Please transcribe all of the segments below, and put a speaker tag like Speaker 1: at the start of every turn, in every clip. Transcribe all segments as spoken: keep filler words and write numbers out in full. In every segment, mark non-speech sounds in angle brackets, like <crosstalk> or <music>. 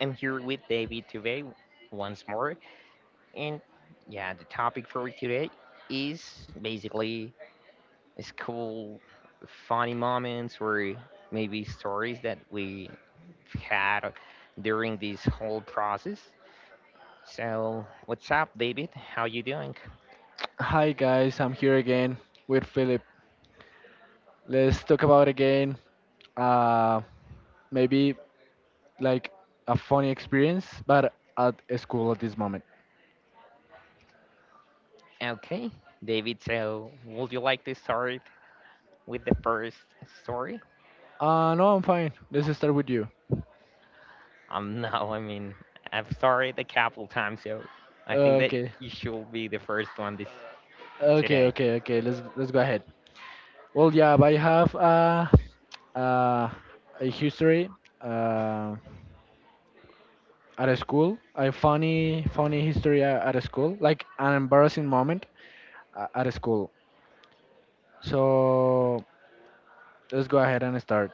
Speaker 1: I'm here with David today once more. And yeah, the topic for today is basically school funny moments or maybe stories that we had during this whole process. So, what's up David? How you doing?
Speaker 2: Hi guys, I'm here again with Philip. Let's talk about again uh, maybe like a funny experience, but at a school at this moment.
Speaker 1: Okay, David, so would you like to start with the first story?
Speaker 2: Uh, no, I'm fine. Let's start with you.
Speaker 1: Um, <laughs> no, I mean, I'm sorry the couple times, so I think that
Speaker 2: Okay,
Speaker 1: you should be the first one this
Speaker 2: okay,
Speaker 1: today.
Speaker 2: okay, okay. Let's let's go ahead. Well, yeah, I have uh, uh, a history uh, at a school. A funny, funny history a- at a school, like an embarrassing moment a- at a school. So let's go ahead and start.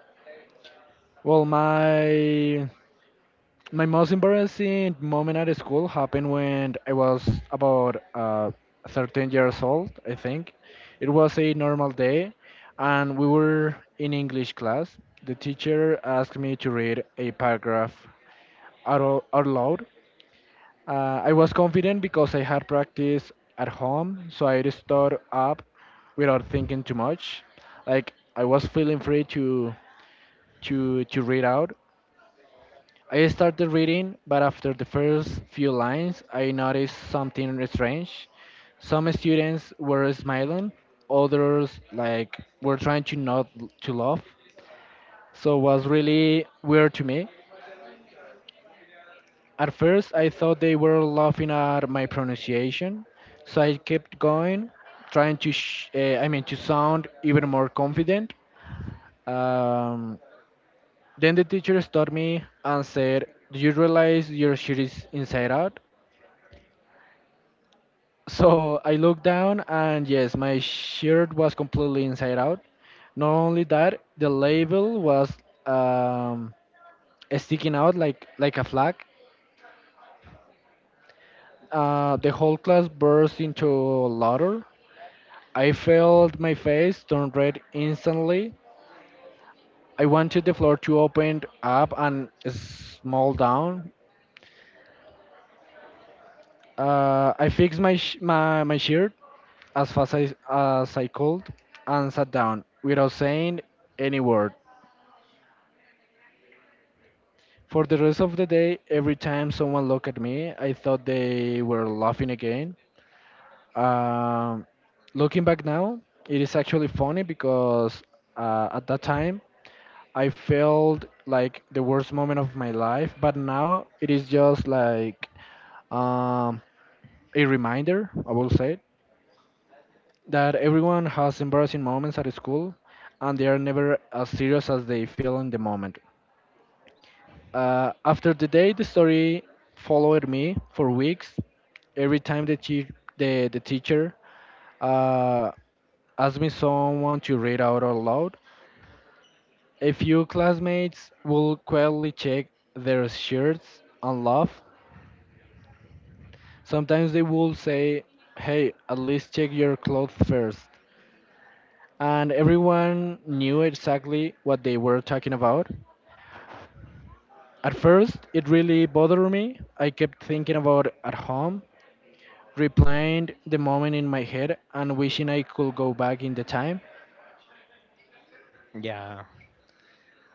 Speaker 2: Well, my my most embarrassing moment at school happened when I was about uh, thirteen years old, I think. It was a normal day, and we were in English class. The teacher asked me to read a paragraph out, o- out loud. Uh, I was confident because I had practice at home, so I just stood up without thinking too much. Like I was feeling free to to to read out. I started reading, but after the first few lines, I noticed something strange. Some students were smiling, others like were trying to not l- to laugh. So it was really weird to me. At first, I thought they were laughing at my pronunciation, so I kept going, trying to sh- uh, I mean to sound even more confident. Um, then the teacher stopped me and said, "Do you realize your shirt is inside out?" So I looked down, and yes, my shirt was completely inside out. Not only that, the label was um, sticking out like like a flag. Uh, the whole class burst into laughter. I felt my face turn red instantly. I wanted the floor to open up and small down. Uh, I fixed my, sh- my my shirt as fast as, as I could and sat down without saying any word. For the rest of the day, every time someone looked at me, I thought they were laughing again. Um, Looking back now, it is actually funny because uh, at that time I felt like the worst moment of my life, but now it is just like um, a reminder, I will say, that everyone has embarrassing moments at school and they are never as serious as they feel in the moment. Uh, after the day, the story followed me for weeks. Every time the, chi- the, the teacher uh, asked me someone to read out aloud, a few classmates will quietly check their shirts and laugh. Sometimes they will say, "Hey, at least check your clothes first." And everyone knew exactly what they were talking about. At first, it really bothered me. I kept thinking about at home replaying the moment in my head and wishing I could go back in the time.
Speaker 1: Yeah,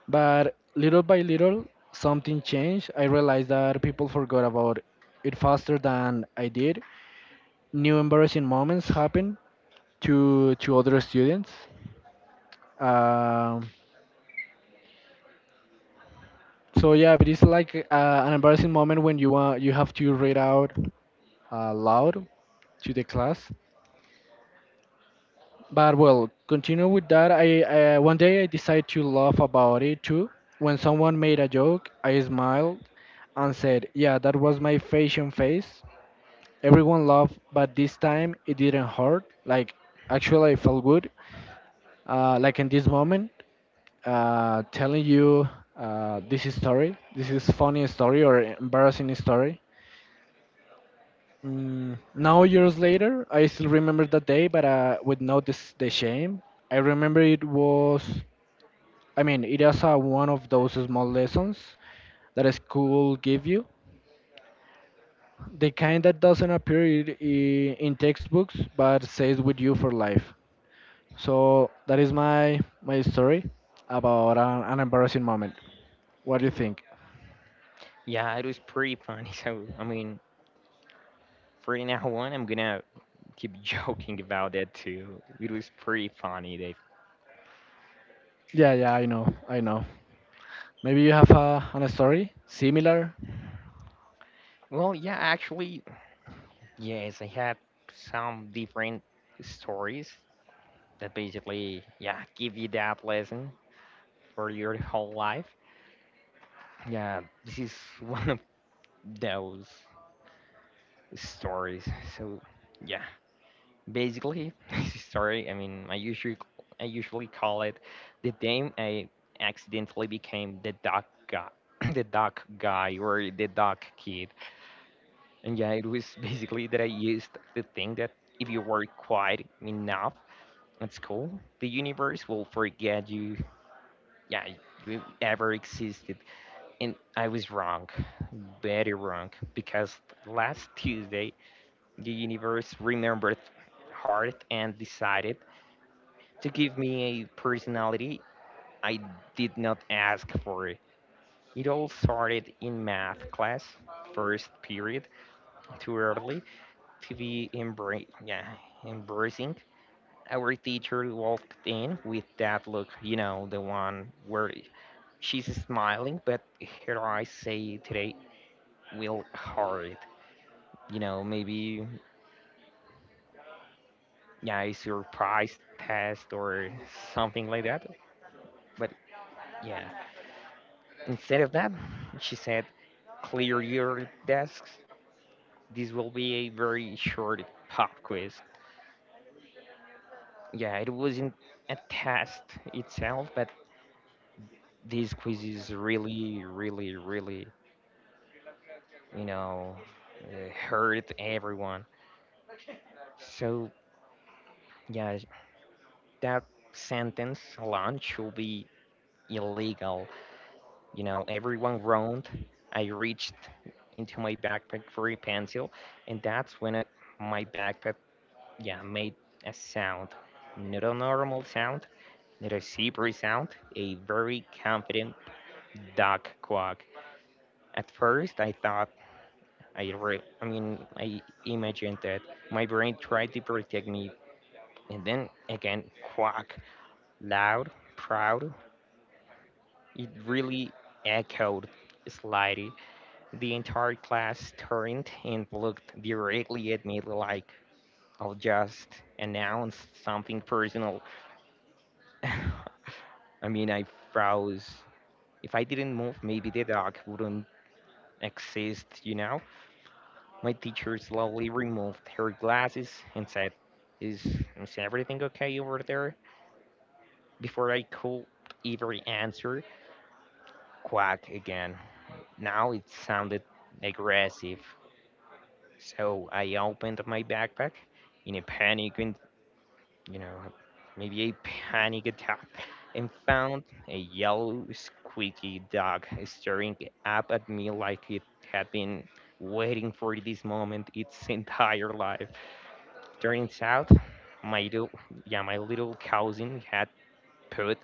Speaker 2: But little by little, something changed. I realized that people forgot about it faster than I did. New embarrassing moments happened to to other students. Um, so yeah, but it's like uh, an embarrassing moment when you uh, you have to read out uh, loud to the class. But well, continue with that. I uh, One day I decided to laugh about it too. When someone made a joke, I smiled and said, "Yeah, that was my fashion face." Everyone laughed, but this time it didn't hurt. Like actually, I felt good. Uh, like in this moment, uh, telling you uh, this is story, this is funny story or embarrassing story. Mm, now years later, I still remember that day, but uh, with no this, the shame. I remember it was I mean, it is uh, one of those small lessons that a school give you. The kind that doesn't appear i- i- in textbooks but stays with you for life. So that is my my story about an, an embarrassing moment. What do you think?
Speaker 1: yeah, it was pretty funny. <laughs> So I mean, for now on, I'm gonna keep <laughs> joking about it too. It was pretty funny, Dave.
Speaker 2: Yeah, yeah, I know, I know. Maybe you have a, an story similar.
Speaker 1: Well, yeah, actually, yes, I had some different stories that basically, yeah, give you that lesson for your whole life. Yeah, this is <laughs> one of those stories. So yeah, Basically, <laughs> sorry. I mean, I usually I usually call it the name I accidentally became the duck guy, <coughs> <clears throat> the duck guy or the duck kid. And yeah, it was basically that I used the thing that if you were quiet enough at school, the universe will forget you. Yeah, you ever existed. And I was wrong, very wrong, because last Tuesday the universe remembered hard and decided to give me a personality I did not ask for. It all started in math class, first period, too early to be embra- yeah, embracing. Our teacher walked in with that look, you know, the one where she's smiling, but her eyes say today will hurt. You know, maybe yeah, a surprise test or something like that. But yeah, instead of that, she said, clear your desks. This will be a very short pop quiz. Yeah, it wasn't a test itself, but this quiz is really, really, really, you know, uh, hurt everyone. So, yeah, that sentence alone should be illegal. You know, everyone groaned. I reached into my backpack for a pencil, and that's when it, my backpack, yeah, made a sound. Not a normal sound, not a zebra sound, a very confident duck quack. At first, I thought, I, re- I mean, I imagined that my brain tried to protect me, and then again, quack. Loud, proud, it really echoed slightly. The entire class turned and looked directly at me like I'll just announce something personal. <laughs> I mean, I froze. If I didn't move, maybe the dog wouldn't exist, you know? My teacher slowly removed her glasses and said, Is, is everything okay over there? Before I could even answer, quack again. Now it sounded aggressive. So I opened my backpack in a panic and, you know, maybe a panic attack, and found a yellow, squeaky dog staring up at me like it had been waiting for this moment its entire life. Turns out, my little, yeah, my little cousin had put,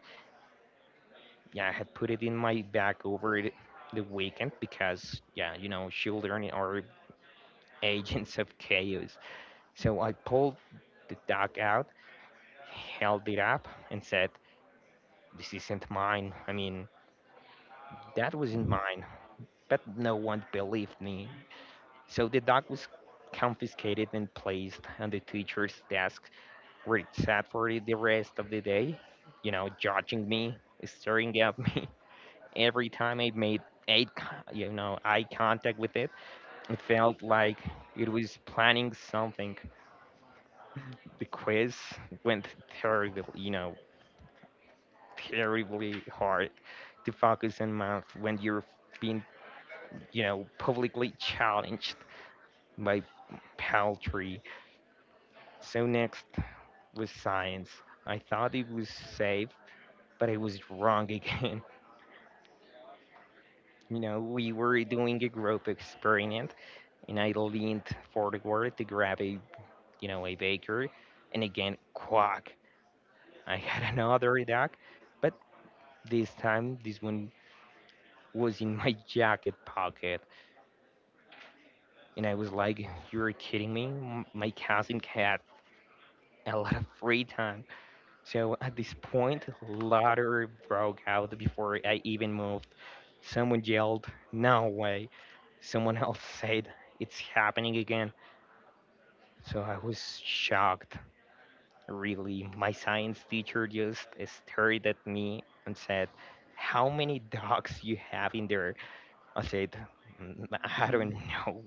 Speaker 1: yeah, had put it in my bag over the the weekend because, yeah, you know, children are agents of chaos. So I pulled the dog out, held it up, and said, this isn't mine. I mean, that wasn't mine. But no one believed me. So the dog was confiscated and placed on the teacher's desk, where it sat for the rest of the day, you know, judging me, staring at me. <laughs> Every time I made eye, con- you know, eye contact with it, it felt like it was planning something. The quiz went terrible, you know, terribly hard to focus on math when you're being, you know, publicly challenged by paltry. So next was science. I thought it was safe, but I was wrong again. <laughs> You know, we were doing a group experiment, and I leaned forward to grab a, you know, a baker, and again, quack! I had <laughs> another duck, but this time, this one was in my <laughs> jacket pocket, and I was like, "You're kidding me! M- My cousin had a lot of free time." So at this point, laughter broke out before I even moved. Someone yelled, no way. Someone else <laughs> said, it's happening again. So I was shocked, really. My science teacher just stared at me and said, how many dogs you have in there? I said, "Mm, I don't know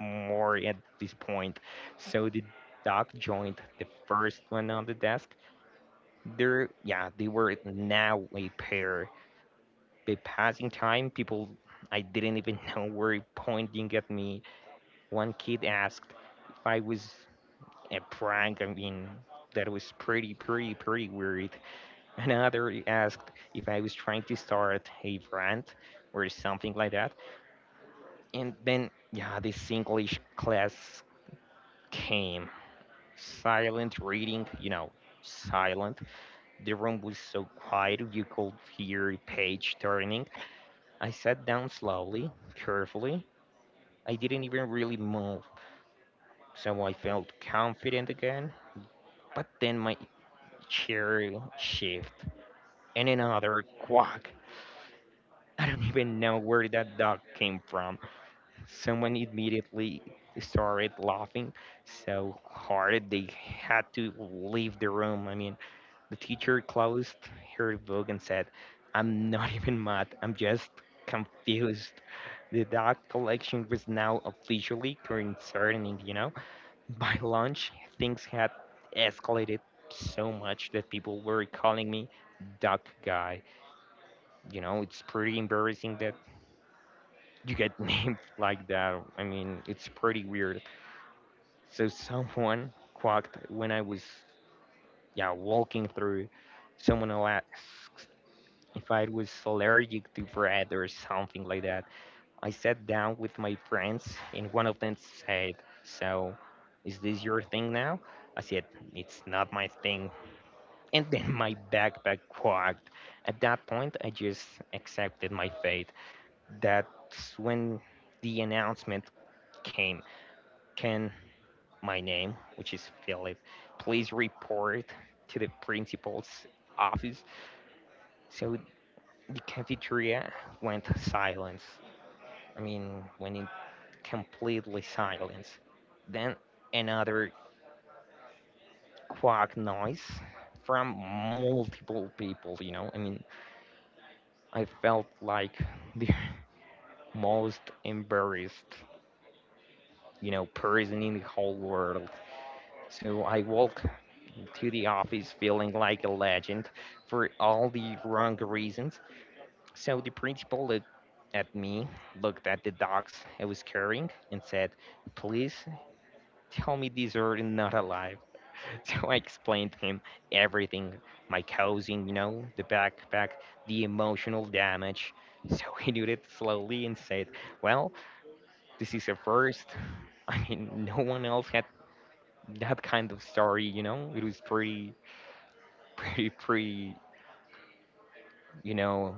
Speaker 1: more at this point." So the dog joined the first one on the desk. They're, yeah, they were now a pair. But passing time, people I didn't even <laughs> know were pointing at me. One kid asked if I was a prank. I mean, that was pretty, pretty, pretty weird. <laughs> Another asked if I was trying to start a rant or something like that. And then yeah, this English class came. Silent reading, you know, silent. The room was so quiet you could hear page turning. I sat down slowly, carefully. I didn't even really move, so I felt confident again. But then my chair shifted, and another quack. I don't even know where that dog came from. Someone immediately started laughing so hard they had to leave the room. I mean, the teacher closed her book and said, I'm not <laughs> even mad, I'm just confused. The dog collection was now officially concerning, you know? By lunch, things had escalated so much that people were calling me Duck Guy. You know, it's pretty embarrassing that you get <laughs> named like that. I mean, it's pretty weird. So someone quacked when I was, yeah, walking through. Someone asked if I was allergic to bread or something like that. I sat down with my friends and one of them said, "So, is this your thing now?" I said, "It's not my thing." And then <laughs> my backpack quacked. At that point, I just accepted my fate. That's when the announcement came. Can my name, which is Philip, please report to the principal's office. So the cafeteria went silence. I mean, when it completely silence. Then another quack noise from multiple people, you know? I mean, I felt like the <laughs> most embarrassed, you know, person in the whole world. So I walked to the office feeling like a legend for all the wrong reasons. So the principal looked at me, looked at the dogs I was carrying, and said, please tell me these are not alive. <laughs> So I explained to him everything, my causing, you know, the backpack, the emotional damage. So <laughs> he did it slowly and said, well, this is a first. <laughs> I mean, no one else had that kind of story, you know? It was pretty, <laughs> pretty, pretty, you know,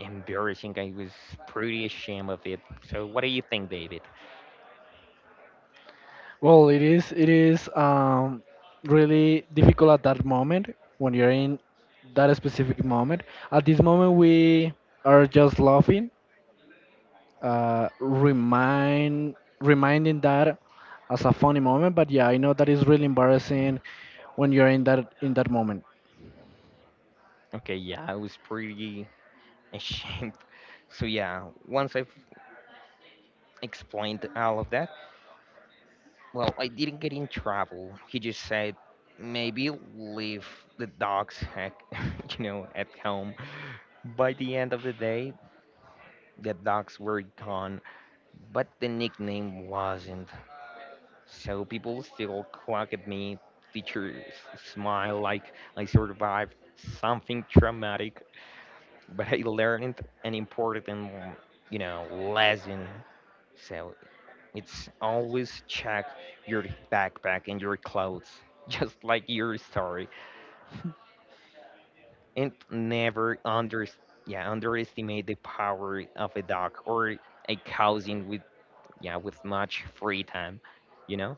Speaker 1: embarrassing. I was pretty ashamed of it. So, what do you think, David?
Speaker 2: Well, it is it is um, really difficult at that moment when you're in that specific moment. At this moment, we are just laughing uh, remind reminding that as a funny moment. But yeah, I know that is really embarrassing when you're in that in that moment.
Speaker 1: Okay, yeah, I was pretty ashamed. <laughs> So, yeah, once I've explained all of that, well, I didn't get in trouble. He just said, maybe leave the dogs, at, <laughs> you know, at home. By the end of the day, the dogs were gone, but the nickname wasn't. So people still quack at me, teachers smile like I survived something traumatic, but I learned an important, you know, lesson. So it's always check your backpack and your clothes, <laughs> just like your story, and never under, yeah, underestimate the power of a dog or a cousin with, yeah, with much free time, you know.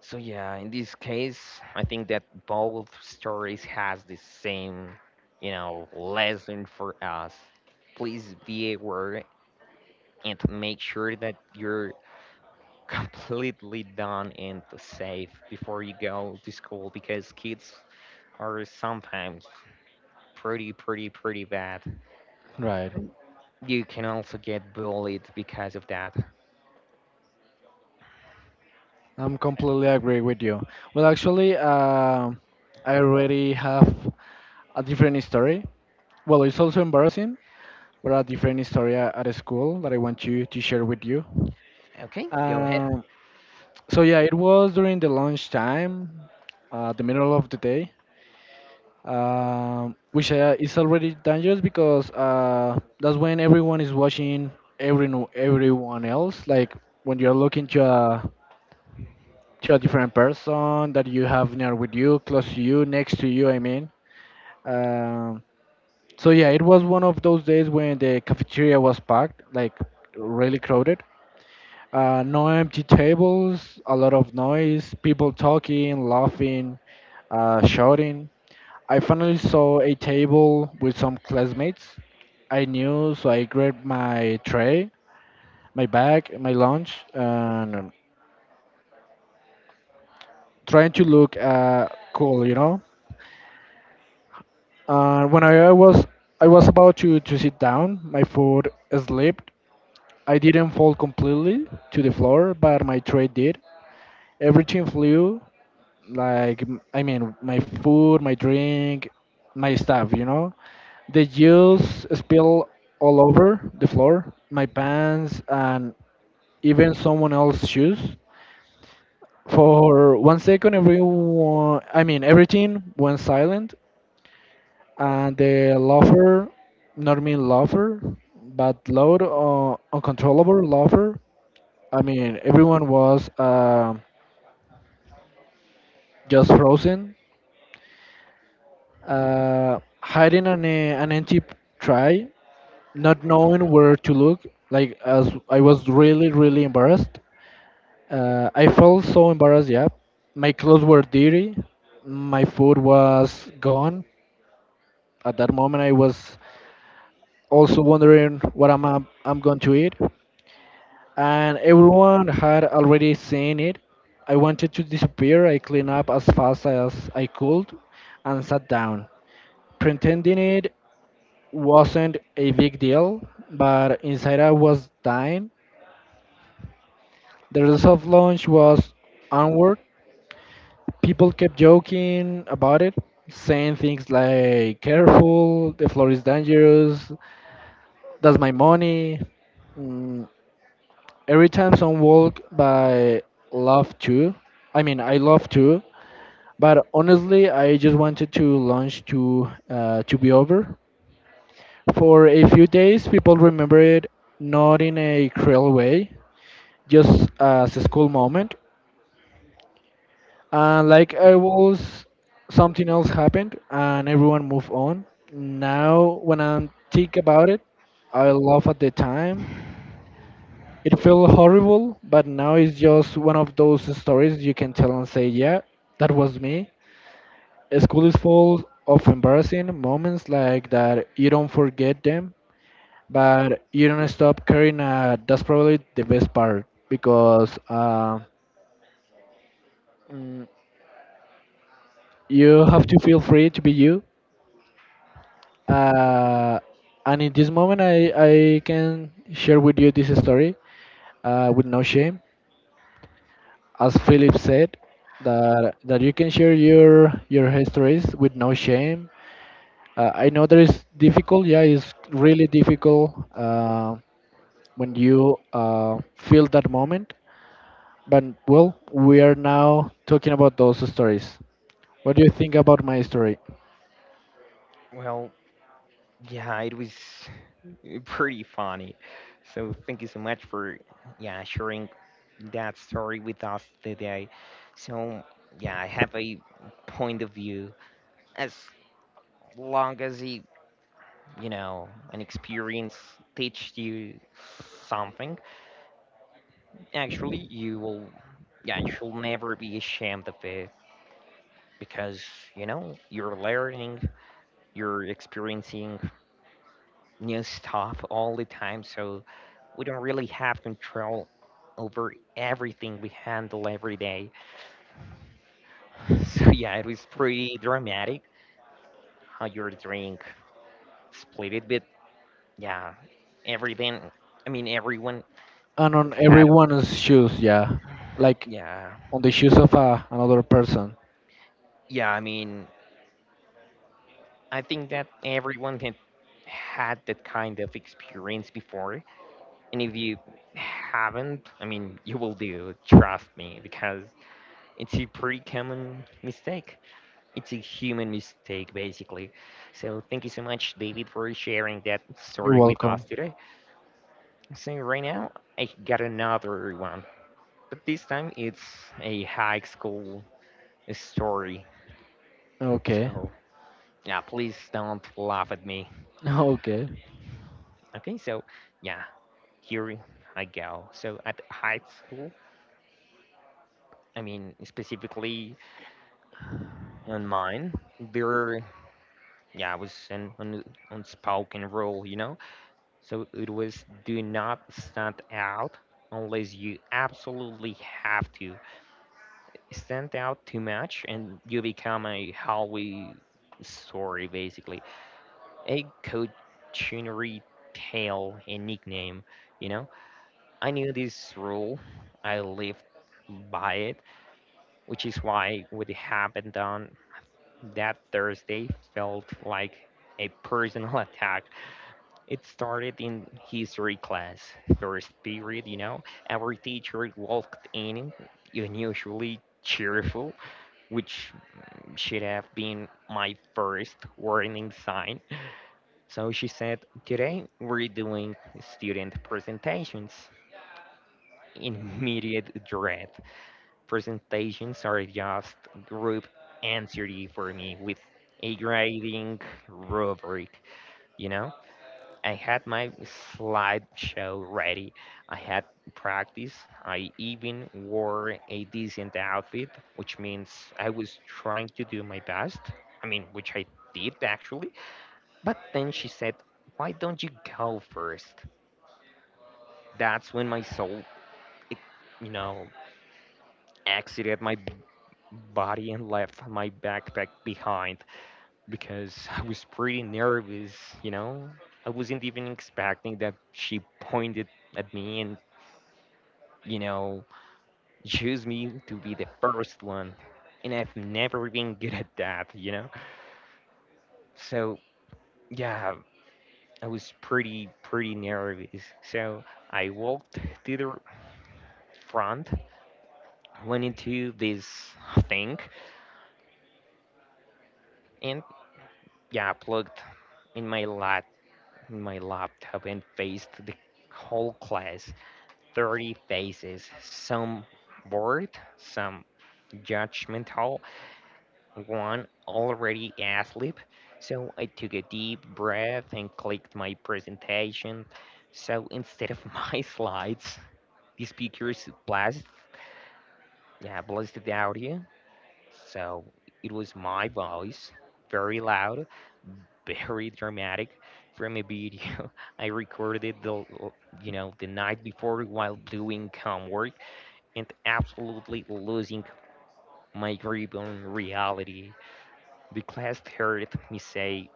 Speaker 1: So yeah, in this case, I think that both stories has the same, you know, lesson for us. Please be aware and make sure that you're <laughs> completely done and safe before you go to school because kids are sometimes pretty, pretty, pretty bad.
Speaker 2: Right.
Speaker 1: You can also get bullied because of that.
Speaker 2: I'm
Speaker 1: Uh,
Speaker 2: completely agree with you. Well, actually, uh, I already have a different story. Well, it's also embarrassing, but a different story a- at a school that I want to to share with you.
Speaker 1: Okay, go ahead.
Speaker 2: Um, so yeah, it was during the lunch time, uh, the middle of the day, um, which uh, is already dangerous because uh, that's when everyone is watching every everyone else. Like when you're looking to a to a different person that you have near with you, close to you, next to you. I mean, um, so yeah, it was one of those days when the cafeteria was packed, like really crowded. Uh, no empty tables, a lot of noise, people talking, laughing, uh, shouting. I finally saw a table with some classmates I knew, so I grabbed my tray, my bag, my lunch, and um, trying to look uh, cool, you know. Uh, when I was I was about to, to sit down, my food slipped. I didn't fall completely to the floor, but my tray did. Everything flew, like m- I mean, my food, my drink, my stuff, you know. The juice spilled all over the floor, my pants, and even someone else's shoes. For one second, everyone, I mean, everything went silent, and the lover, not mean lover, but loud, uh, uncontrollable lover. I mean, everyone was uh, just frozen, uh, hiding an, uh, an empty tray, not knowing where to look. Like, as I was really, really embarrassed. Uh, I felt so embarrassed, yeah. My clothes were dirty, my food was gone. At that moment, I was also wondering what I'm I'm going to eat, and everyone had already seen it. I wanted to disappear. I cleaned up as fast as I could and sat down, pretending it wasn't a big deal, but inside I was dying. The rest of lunch was onward. People kept joking about it, saying things like, careful, the floor is dangerous, that's my money. Mm, every time some walk by, love to I mean, I love to, but honestly I just wanted to launch to uh, to be over. For a few days, people remember it, not in a cruel way, just as a school moment. And like I was, something else happened and everyone moved on. Now when I think about it, I laugh at the time. It felt horrible, but now it's just one of those stories you can tell and say, yeah, that was me. School is full of embarrassing moments like that. You don't forget them, but you don't stop caring. Uh, that's probably the best part because uh, mm, you have to feel free to be you. Uh, and in this moment, I, I can share with you this story uh, with no shame. As Philip said, that that you can share your your histories with no shame. Uh, I know that is difficult. Yeah, it's really difficult uh, when you uh, feel that moment. But well, we are now talking about those stories. What do you think about my story?
Speaker 1: Well, yeah, it was <laughs> pretty funny. So thank you so much for, yeah, sharing that story with us today. So yeah, I have a point of view. As long as you, you know, an experience teaches you something, actually you will, yeah, you should never be ashamed of it because, you know, you're learning, you're experiencing new stuff all the time, so we don't really have control over everything we handle every day. <laughs> So yeah, it was pretty dramatic how your drink split it, but yeah, everything. I mean, everyone
Speaker 2: And on
Speaker 1: has had.
Speaker 2: everyone's shoes, yeah, like
Speaker 1: Yeah,
Speaker 2: on the shoes of uh, another person.
Speaker 1: yeah. I mean, I think that everyone had had that kind of experience before, and if you haven't, I mean, you will do. Trust me, because it's a pretty common mistake. It's a human mistake basically. So thank you so much, David, for sharing that
Speaker 2: You're
Speaker 1: story with
Speaker 2: welcome.
Speaker 1: us today. So right now I got another one, but this time it's a high school story.
Speaker 2: Okay.
Speaker 1: So
Speaker 2: <laughs>
Speaker 1: yeah, please don't laugh at me.
Speaker 2: Okay.
Speaker 1: Okay, so yeah, here I go. So at high school, I mean specifically on mine, there, yeah, was an un- unspoken rule, you know. So it was do not stand out unless you absolutely have to. Stand out too much and you become a Hollywood story basically. A cautionary tale, a nickname, you know? I knew this rule, I lived by it, which is why what happened on that Thursday felt like a personal <laughs> attack. It started in history class, first period, you know. Our teacher walked in, unusually cheerful, which should have been my first warning sign. So she said, "Today we're doing student presentations." Immediate dread. Presentations are just group anxiety for me with a grading rubric, you know? I had my slideshow ready. I had practice. I even wore a decent outfit, which means I was trying to do my best. I mean, which I did actually. But then she said, "Why don't you go first?" That's when my soul, it, you know, exited my b- body and left my backpack behind because I was pretty nervous, you know? I wasn't even expecting that she pointed at me and, you know, choose me to be the first one. And I've never been good at that, you know? So, yeah, I was pretty, pretty nervous. So I walked to the front, went into this thing, and yeah, plugged in my lap, in my laptop and faced the whole class. thirty faces, some bored, some judgmental, one already asleep, so I took a deep breath and clicked my presentation. So instead of <laughs> my slides, the speakers blasted, yeah, blasted the audio. So it was my voice, very loud, <laughs> very dramatic, from a video <laughs> I recorded the, l- you know, the night before while doing homework and absolutely losing my grip on reality. The class heard me say,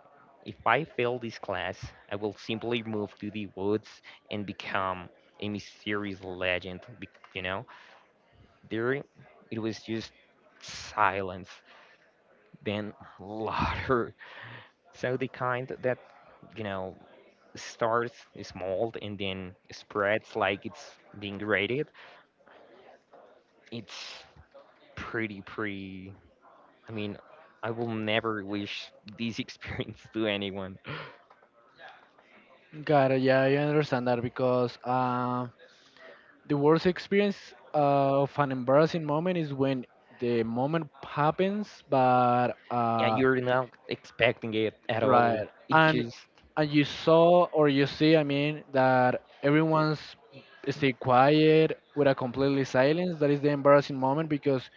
Speaker 1: "If I fail this class, I will simply move to the woods and become a mysterious legend." be- You know, there it was just silence, then <laughs> louder. So the kind that, you know, starts small and then spreads like it's being raided. It's pretty, pretty. I mean, I will never wish this <laughs> experience to anyone.
Speaker 2: Got it. Yeah, I understand that because um the worst experience uh, of an embarrassing moment is when the moment happens, but
Speaker 1: Yeah,
Speaker 2: uh,
Speaker 1: you're not expecting it at
Speaker 2: right,
Speaker 1: all. It
Speaker 2: and
Speaker 1: just,
Speaker 2: and you saw or you see, I mean, that everyone's stay quiet with a completely silence. That is the embarrassing moment because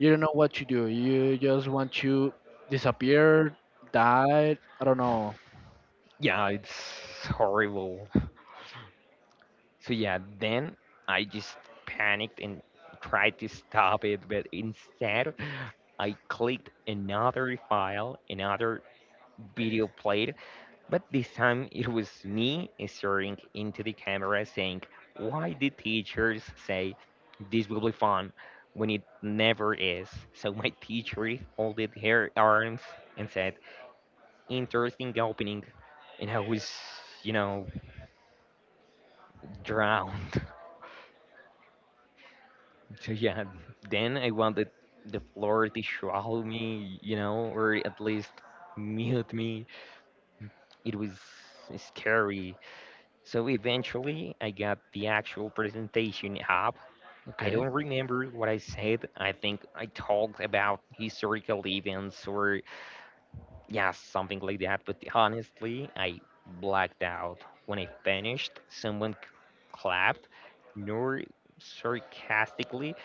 Speaker 2: you don't know what to do. You just want to disappear, die. I don't know.
Speaker 1: yeah, it's horrible. So yeah, then I just panicked and tried to stop it, but instead I clicked another file, another video played, but this time it was me staring into the camera saying, "Why did teachers say this will be fun when it never is?" So my teacher folded her arms and said, "Interesting opening," and I was, you know, drowned. <laughs> So yeah, then I wanted the floor to swallow me, you know, or at least mute me. It was scary. So eventually I got the actual presentation up. I
Speaker 2: Okay.
Speaker 1: don't remember what I said. I think I talked about historical events or yeah, something like that. But honestly, I blacked out. When I finished, someone c- clapped, nor sarcastically,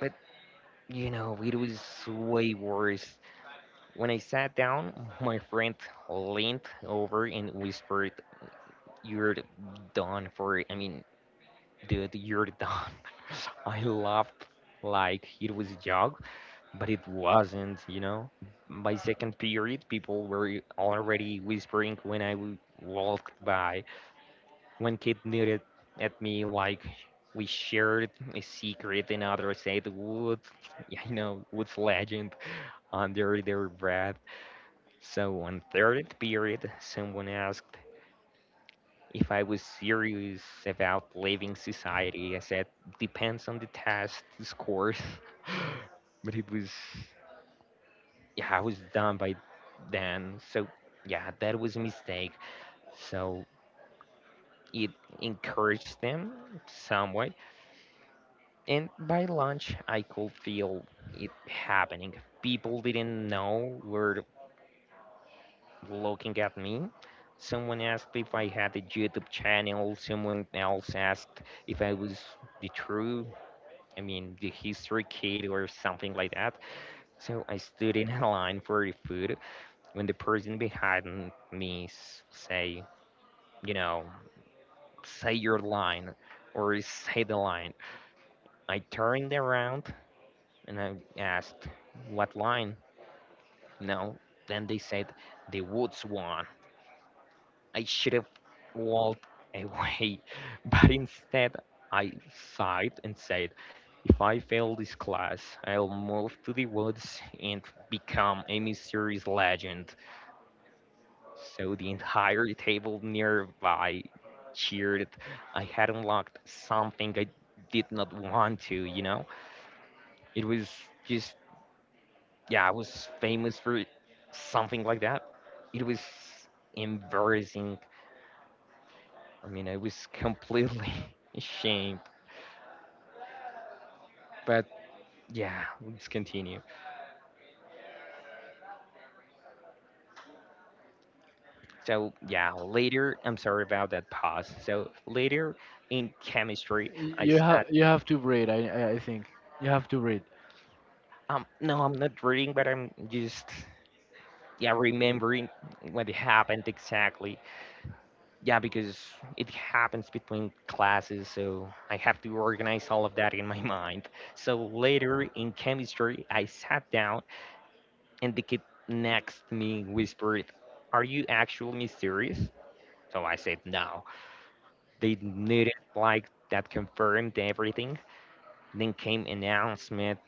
Speaker 1: but you know, it was way worse. When I sat down, my friend leaned over and whispered, "You're done for. It." I mean, dude, you're done." <laughs> I laughed like it was a joke, but it wasn't, you know. By second period, people were already whispering when I w- walked by. One kid nodded at me like we shared a secret, and others said "wood," <laughs> you know, "wood's legend" under their breath. So on third period, someone asked if I was serious about leaving society. I said, "Depends on the test scores," <laughs> but it was yeah, I was done by then. So yeah, that was a mistake. So it encouraged them some way. And by lunch, I could feel it happening. People didn't know were looking at me. Someone asked if I had a YouTube channel. Someone else asked if I was the true, I mean, the history kid or something like that. So I stood in a line for the food when the person behind me s- say, you know, "Say your line," or "Say the line." I turned around and I asked, "What line? No." Then they said, "The woods one." I should have walked away, <laughs> but instead I sighed and said, "If I fail this class, I'll move to the woods and become a mysterious legend." So the entire table nearby cheered. I had unlocked something I did not want to, you know? It was just, yeah, I was famous for something like that. It was embarrassing. I mean, I was completely <laughs> ashamed. But yeah, let's continue. So, yeah, later, I'm sorry about that pause. So, later in chemistry, I
Speaker 2: You have
Speaker 1: sat.
Speaker 2: you have to breathe. I I I think you have to breathe.
Speaker 1: Um, no, I'm not reading, but I'm just yeah remembering what happened exactly yeah because it happens between classes so I have to organize all of that in my <laughs> mind. So later in chemistry I sat down and the kid next to me whispered, "Are you actually mysterious?" So I said no. They needed like that confirmed everything. Then came announcement,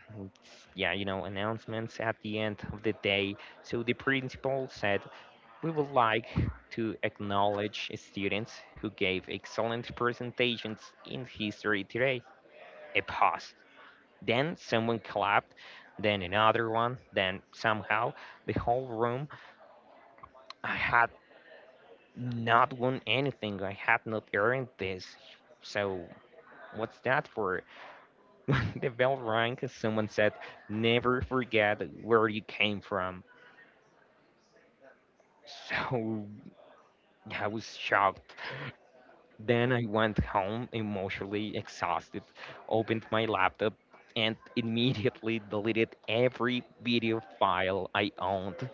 Speaker 1: yeah, you know, announcements at the end of the day. So the principal said, "We would like to acknowledge students who gave excellent presentations in history today." A pause. Then someone clapped, then another one, then somehow the whole room. I had not won anything, I had not earned this. So, what's that for? <laughs> When the bell rang, someone said, "Never forget where you came from." So, I was shocked. Then I went home emotionally exhausted, opened my laptop, and <laughs> immediately deleted every video file I owned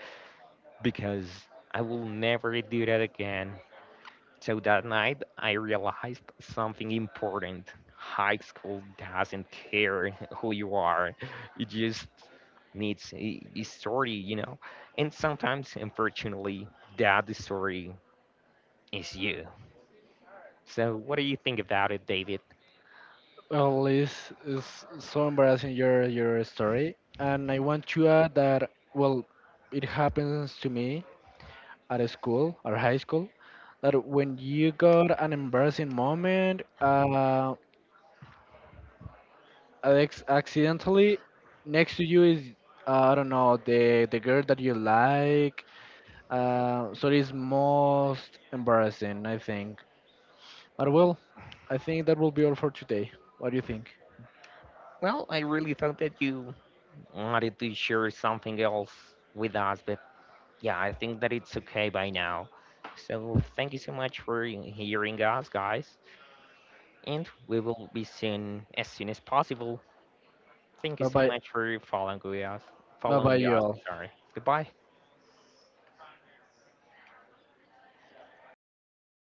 Speaker 1: because I will never do that again. So that night, I realized something important. High school doesn't care <laughs> who you are, it just needs a, a story, you know? And sometimes, unfortunately, that story is you. So, what do you think about it, David?
Speaker 2: Well, this is so embarrassing your your story, and I want to add that well, it happens to me at a school or high school that when you got an embarrassing moment, uh, ex- accidentally next to you is uh, I don't know the the girl that you like. Uh, so it is most embarrassing, I think. But well, I think that will be all for today. What do you think?
Speaker 1: Well, I really thought that you wanted to share something else with us, but yeah, I think that it's okay by now. So thank you so much for he- hearing us, guys, and we will be soon as soon as possible. Thank you
Speaker 2: Bye
Speaker 1: so
Speaker 2: bye.
Speaker 1: much for following us.
Speaker 2: Bye bye,
Speaker 1: Following
Speaker 2: you
Speaker 1: us,
Speaker 2: all.
Speaker 1: I'm sorry. Goodbye.